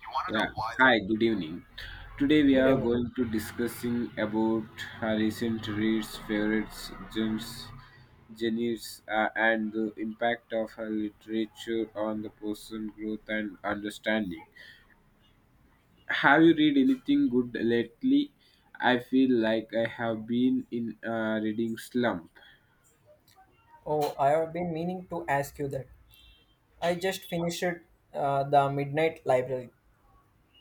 You want to Yeah. know why the Hi, good evening. Today we good are evening. going to discussing about recent reads, favorites, gems, genres, and the impact of literature on the person growth and understanding. Have you read anything good lately? I feel like I have been in a reading slump. Oh, I have been meaning to ask you that. I just finished the Midnight Library.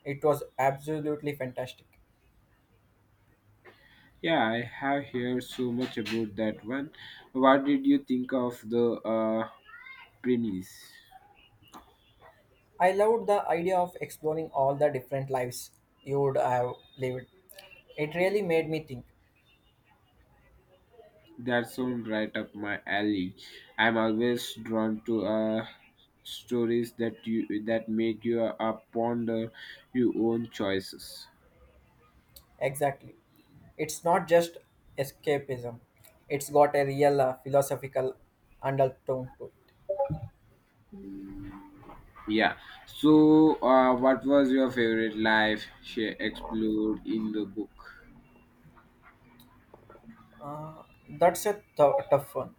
It was absolutely fantastic. Yeah, I have heard so much about that one. What did you think of the premise? I loved the idea of exploring all the different lives you would have lived. It really made me think. That sounds right up my alley. I'm always drawn to stories that make you ponder your own choices. Exactly. It's not just escapism, it's got a real philosophical undertone to it. Yeah. So, what was your favorite life she explored in the book? Tough one.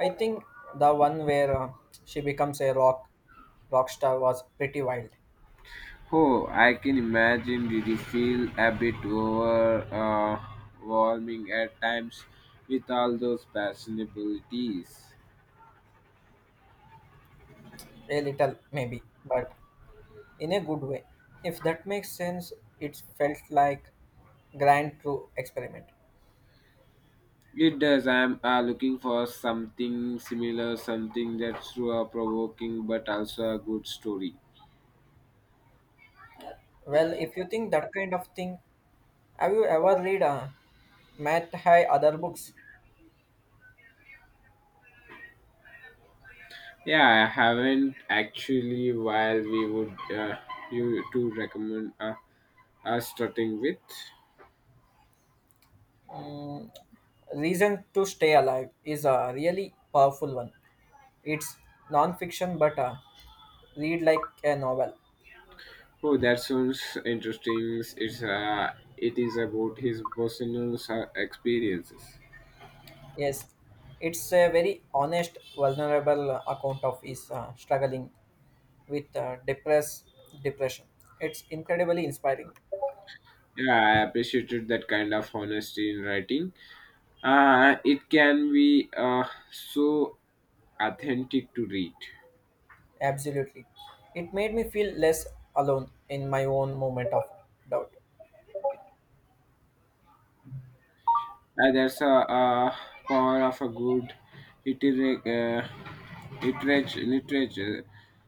I think the one where she becomes a rock star was pretty wild. Oh, I can imagine, did you feel a bit overwhelming at times with all those personalities? A little maybe, but in a good way. If that makes sense, it felt like grand true experiment. It does. I'm looking for something similar, something that's provoking but also a good story. Well, if you think that kind of thing, have you ever read Matt High other books? Yeah, I haven't actually. While we would you to recommend us starting with? Reason to Stay Alive is a really powerful one. It's non-fiction but read like a novel. Oh, that sounds interesting. It's it is about his personal experiences. Yes, it's a very honest, vulnerable account of his struggling with depression. It's incredibly inspiring. Yeah, I appreciated that kind of honesty in writing. It can be so authentic to read. Absolutely, it made me feel less alone in my own moment of doubt. That's a, power of a good literary, uh, literature,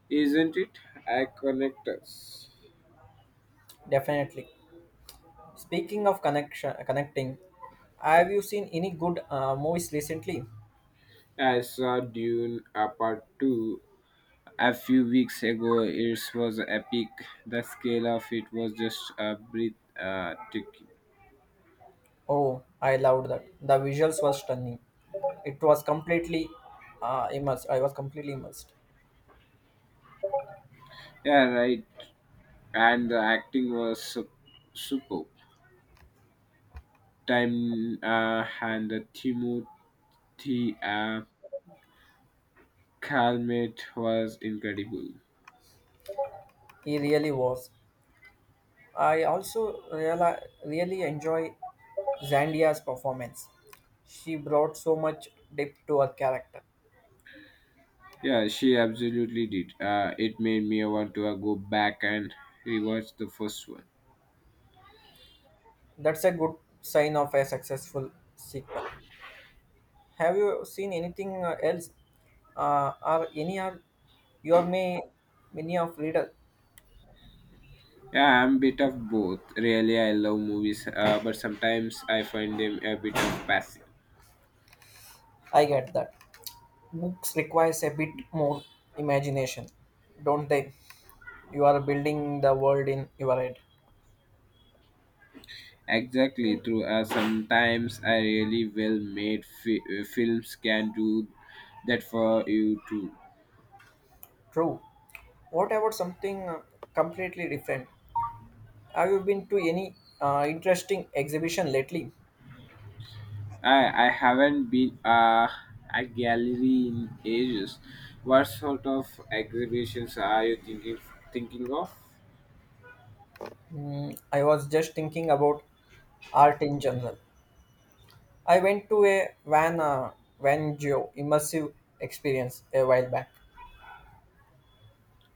isn't it? I connect us. Definitely. Speaking of connecting, have you seen any good movies recently? I saw Dune Part 2 a few weeks ago. It was epic. The scale of it was just a breath taking. Oh, I loved that. The visuals were stunning. It was completely immersed. I was completely immersed. Yeah, right. And the acting was superb. Time and the Timothy uh, Calmette was incredible. He really was. I also reali- really enjoy Zandia's performance. She brought so much depth to her character. Yeah, she absolutely did. It made me want to go back and rewatch the first one. That's a good sign of a successful sequel. Have you seen anything else? Or any are your may many of reader? Yeah, I'm a bit of both. Really, I love movies, but sometimes I find them a bit of passive. I get that. Books requires a bit more imagination, don't they? You are building the world in your head. Exactly, true. Sometimes I really well made films can do that for you too. True. What about something completely different? Have you been to any interesting exhibition lately? I haven't been a gallery in ages. What sort of exhibitions are you thinking of? I was just thinking about art in general. I went to a Van Gogh immersive experience a while back.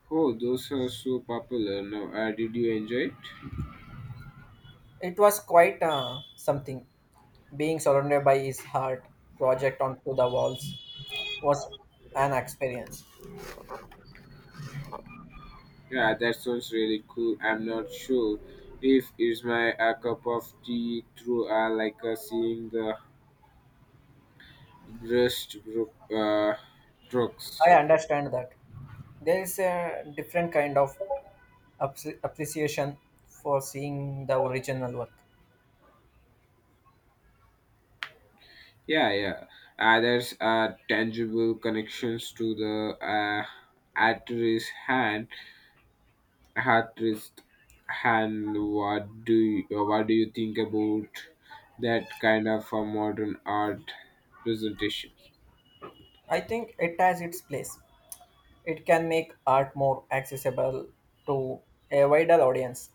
Oh, those are so popular now. Did you enjoy it? It was quite something. Being surrounded by his art project onto the walls was an experience. Yeah, that sounds really cool. I'm not sure if it's my a cup of tea through like seeing the rust group drugs. I understand that there is a different kind of appreciation for seeing the original work. Yeah. There's tangible connections to the artist hand. Artist hand. What do you think about that kind of modern art presentation? I think it has its place, it can make art more accessible to a wider audience.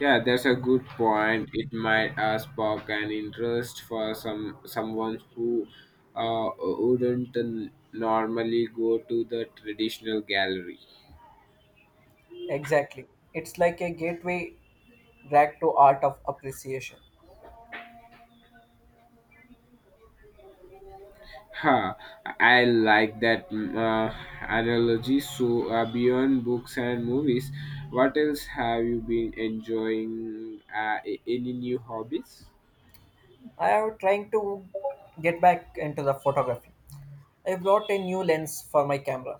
Yeah, that's a good point. It might spark an interest for someone who wouldn't normally go to the traditional gallery. Exactly. It's like a gateway drag to art of appreciation. Huh. I like that analogy. So beyond books and movies, what else have you been enjoying? Any new hobbies? I am trying to get back into the photography. I brought a new lens for my camera.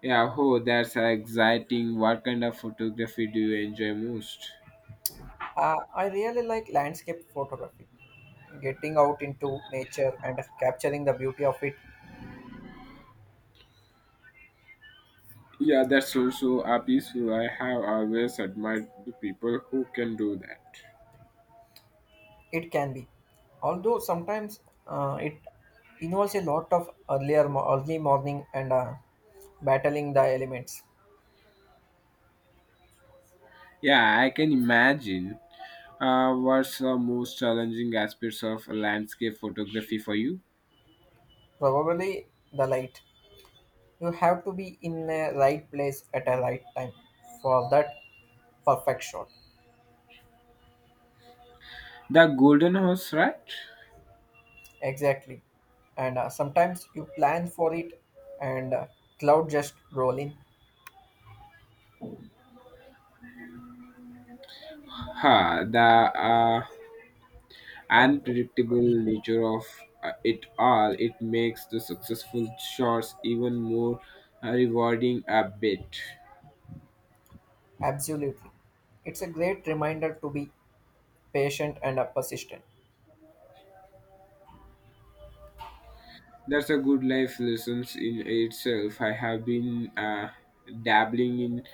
Yeah, oh, that's exciting. What kind of photography do you enjoy most? I really like landscape photography. Getting out into nature and capturing the beauty of it. Yeah, that's also a peaceful. I have always admired the people who can do that. It can be, although sometimes it involves a lot of early morning and battling the elements, Yeah, I can imagine. What's the most challenging aspects of landscape photography for you? probably the light. You have to be in a right place at a right time for that perfect shot. The golden horse, right? Exactly, and sometimes you plan for it, and cloud just roll in. Huh, the uh, And unpredictable nature of it all, it makes the successful shots even more rewarding a bit. absolutely, it's a great reminder to be patient and persistent. That's a good life lessons in itself. I have been dabbling in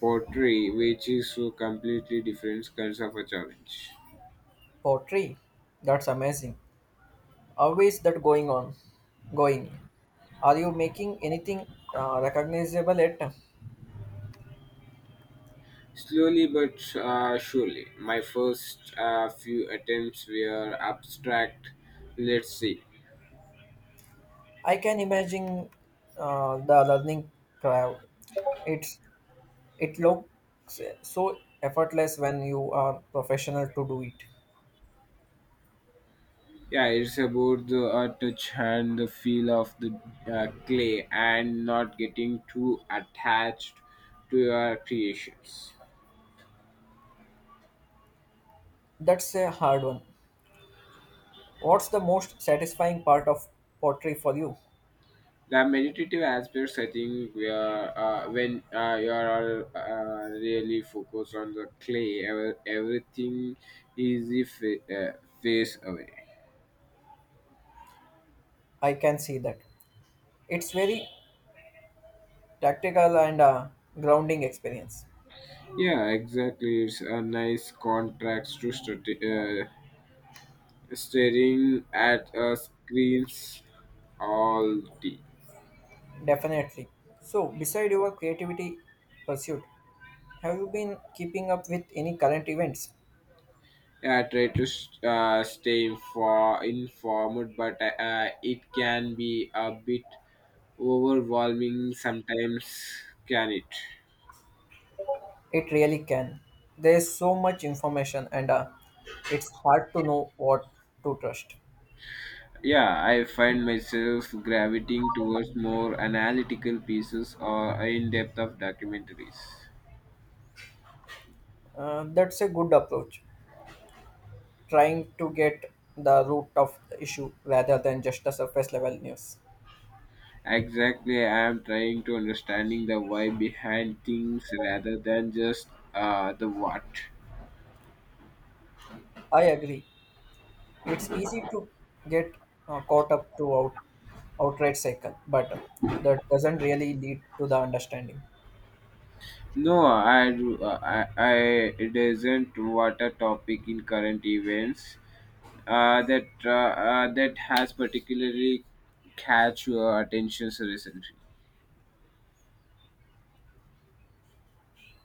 pottery, which is so completely different kinds of a challenge. Poetry, that's amazing. How is that going on? Going? Are you making anything recognizable yet? Slowly but surely, my first few attempts were abstract. Let's see. I can imagine the learning curve. It's it looks so effortless when you are professional to do it. Yeah, it's about the touch and the feel of the clay and not getting too attached to your creations. That's a hard one. What's the most satisfying part of pottery for you? The meditative aspects, I think, where when you are really focused on the clay, everything easy fa- uh, face away. I can see that. It's very tactical and grounding experience. Yeah, exactly. It's a nice contrast to staring at a screens all day. Definitely. So, beside your creativity pursuit, have you been keeping up with any current events? Yeah, I try to stay informed, but it can be a bit overwhelming sometimes, can it? It really can. There's so much information, and it's hard to know what to trust. Yeah, I find myself gravitating towards more analytical pieces or in-depth of documentaries. That's a good approach, trying to get the root of the issue rather than just the surface level news. Exactly, I am trying to understanding the why behind things rather than just the what. I agree. It's easy to get caught up to out, outright cycle, but that doesn't really lead to the understanding. No, I it isn't what a topic in current events that has particularly catch your attention recently.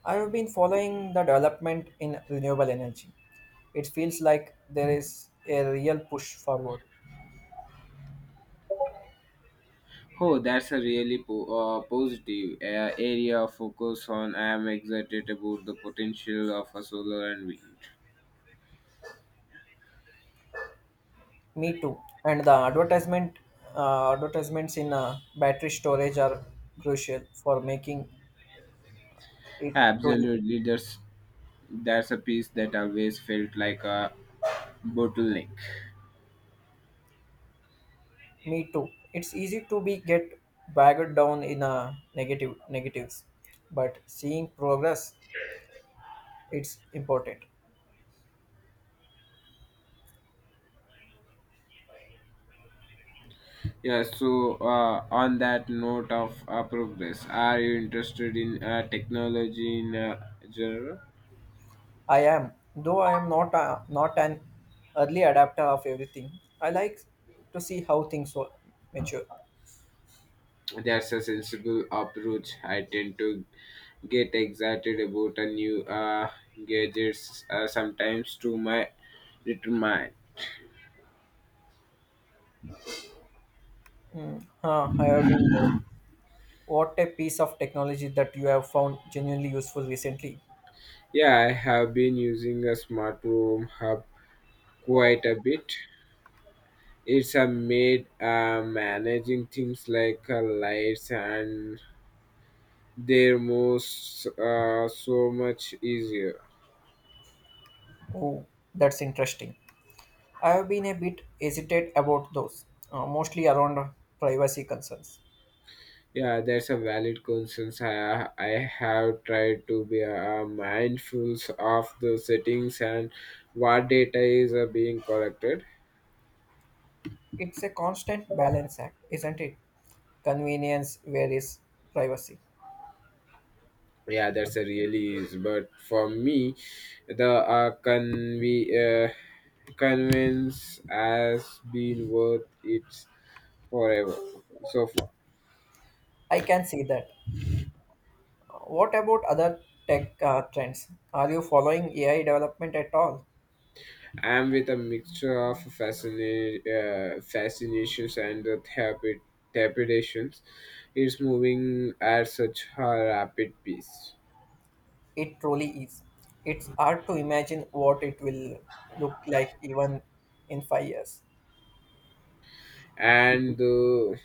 I've been following the development in renewable energy. It feels like there is a real push forward. Oh, that's a really positive area of focus on. I am excited about the potential of a solar and wind. Me too. And the advertisements in battery storage are crucial for making it truly. Absolutely, that's a piece that always felt like a bottleneck. Me too. It's easy to be get bogged down in negatives, but seeing progress, it's important. Yeah, so on that note of progress, are you interested in technology in general? I am, though I am not an early adapter of everything. I like to see how mature. That's a sensible approach. I tend to get excited about a new gadgets sometimes to my little mind. Mm, huh, I have been. There. What a piece of technology that you have found genuinely useful recently. Yeah, I have been using a smart home hub quite a bit. It's a made managing things like lights and they're most so much easier. Oh, that's interesting. I have been a bit hesitant about those, mostly around privacy concerns. Yeah, that's a valid concern. I have tried to be mindful of the settings and what data is being collected. It's a constant balance act, isn't it? Convenience, where is privacy? Yeah, that's a really is. But for me, the convenience has been worth it forever so far. I can see that. What about other tech trends? Are you following AI development at all? I'm with a mixture of fascinations and trepidations. It's moving at such a rapid pace, It truly is. It's hard to imagine what it will look like even in 5 years. and the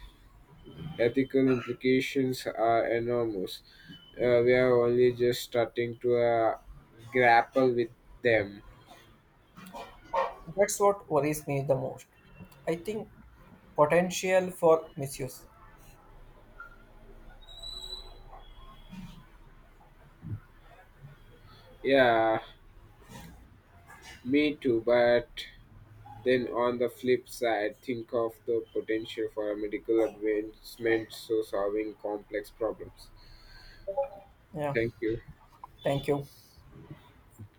ethical implications are enormous. We are only just starting to grapple with them. That's what worries me the most. I think potential for misuse. Yeah, me too, but then on the flip side, think of the potential for medical advancement so solving complex problems. Yeah, Thank you. thank you.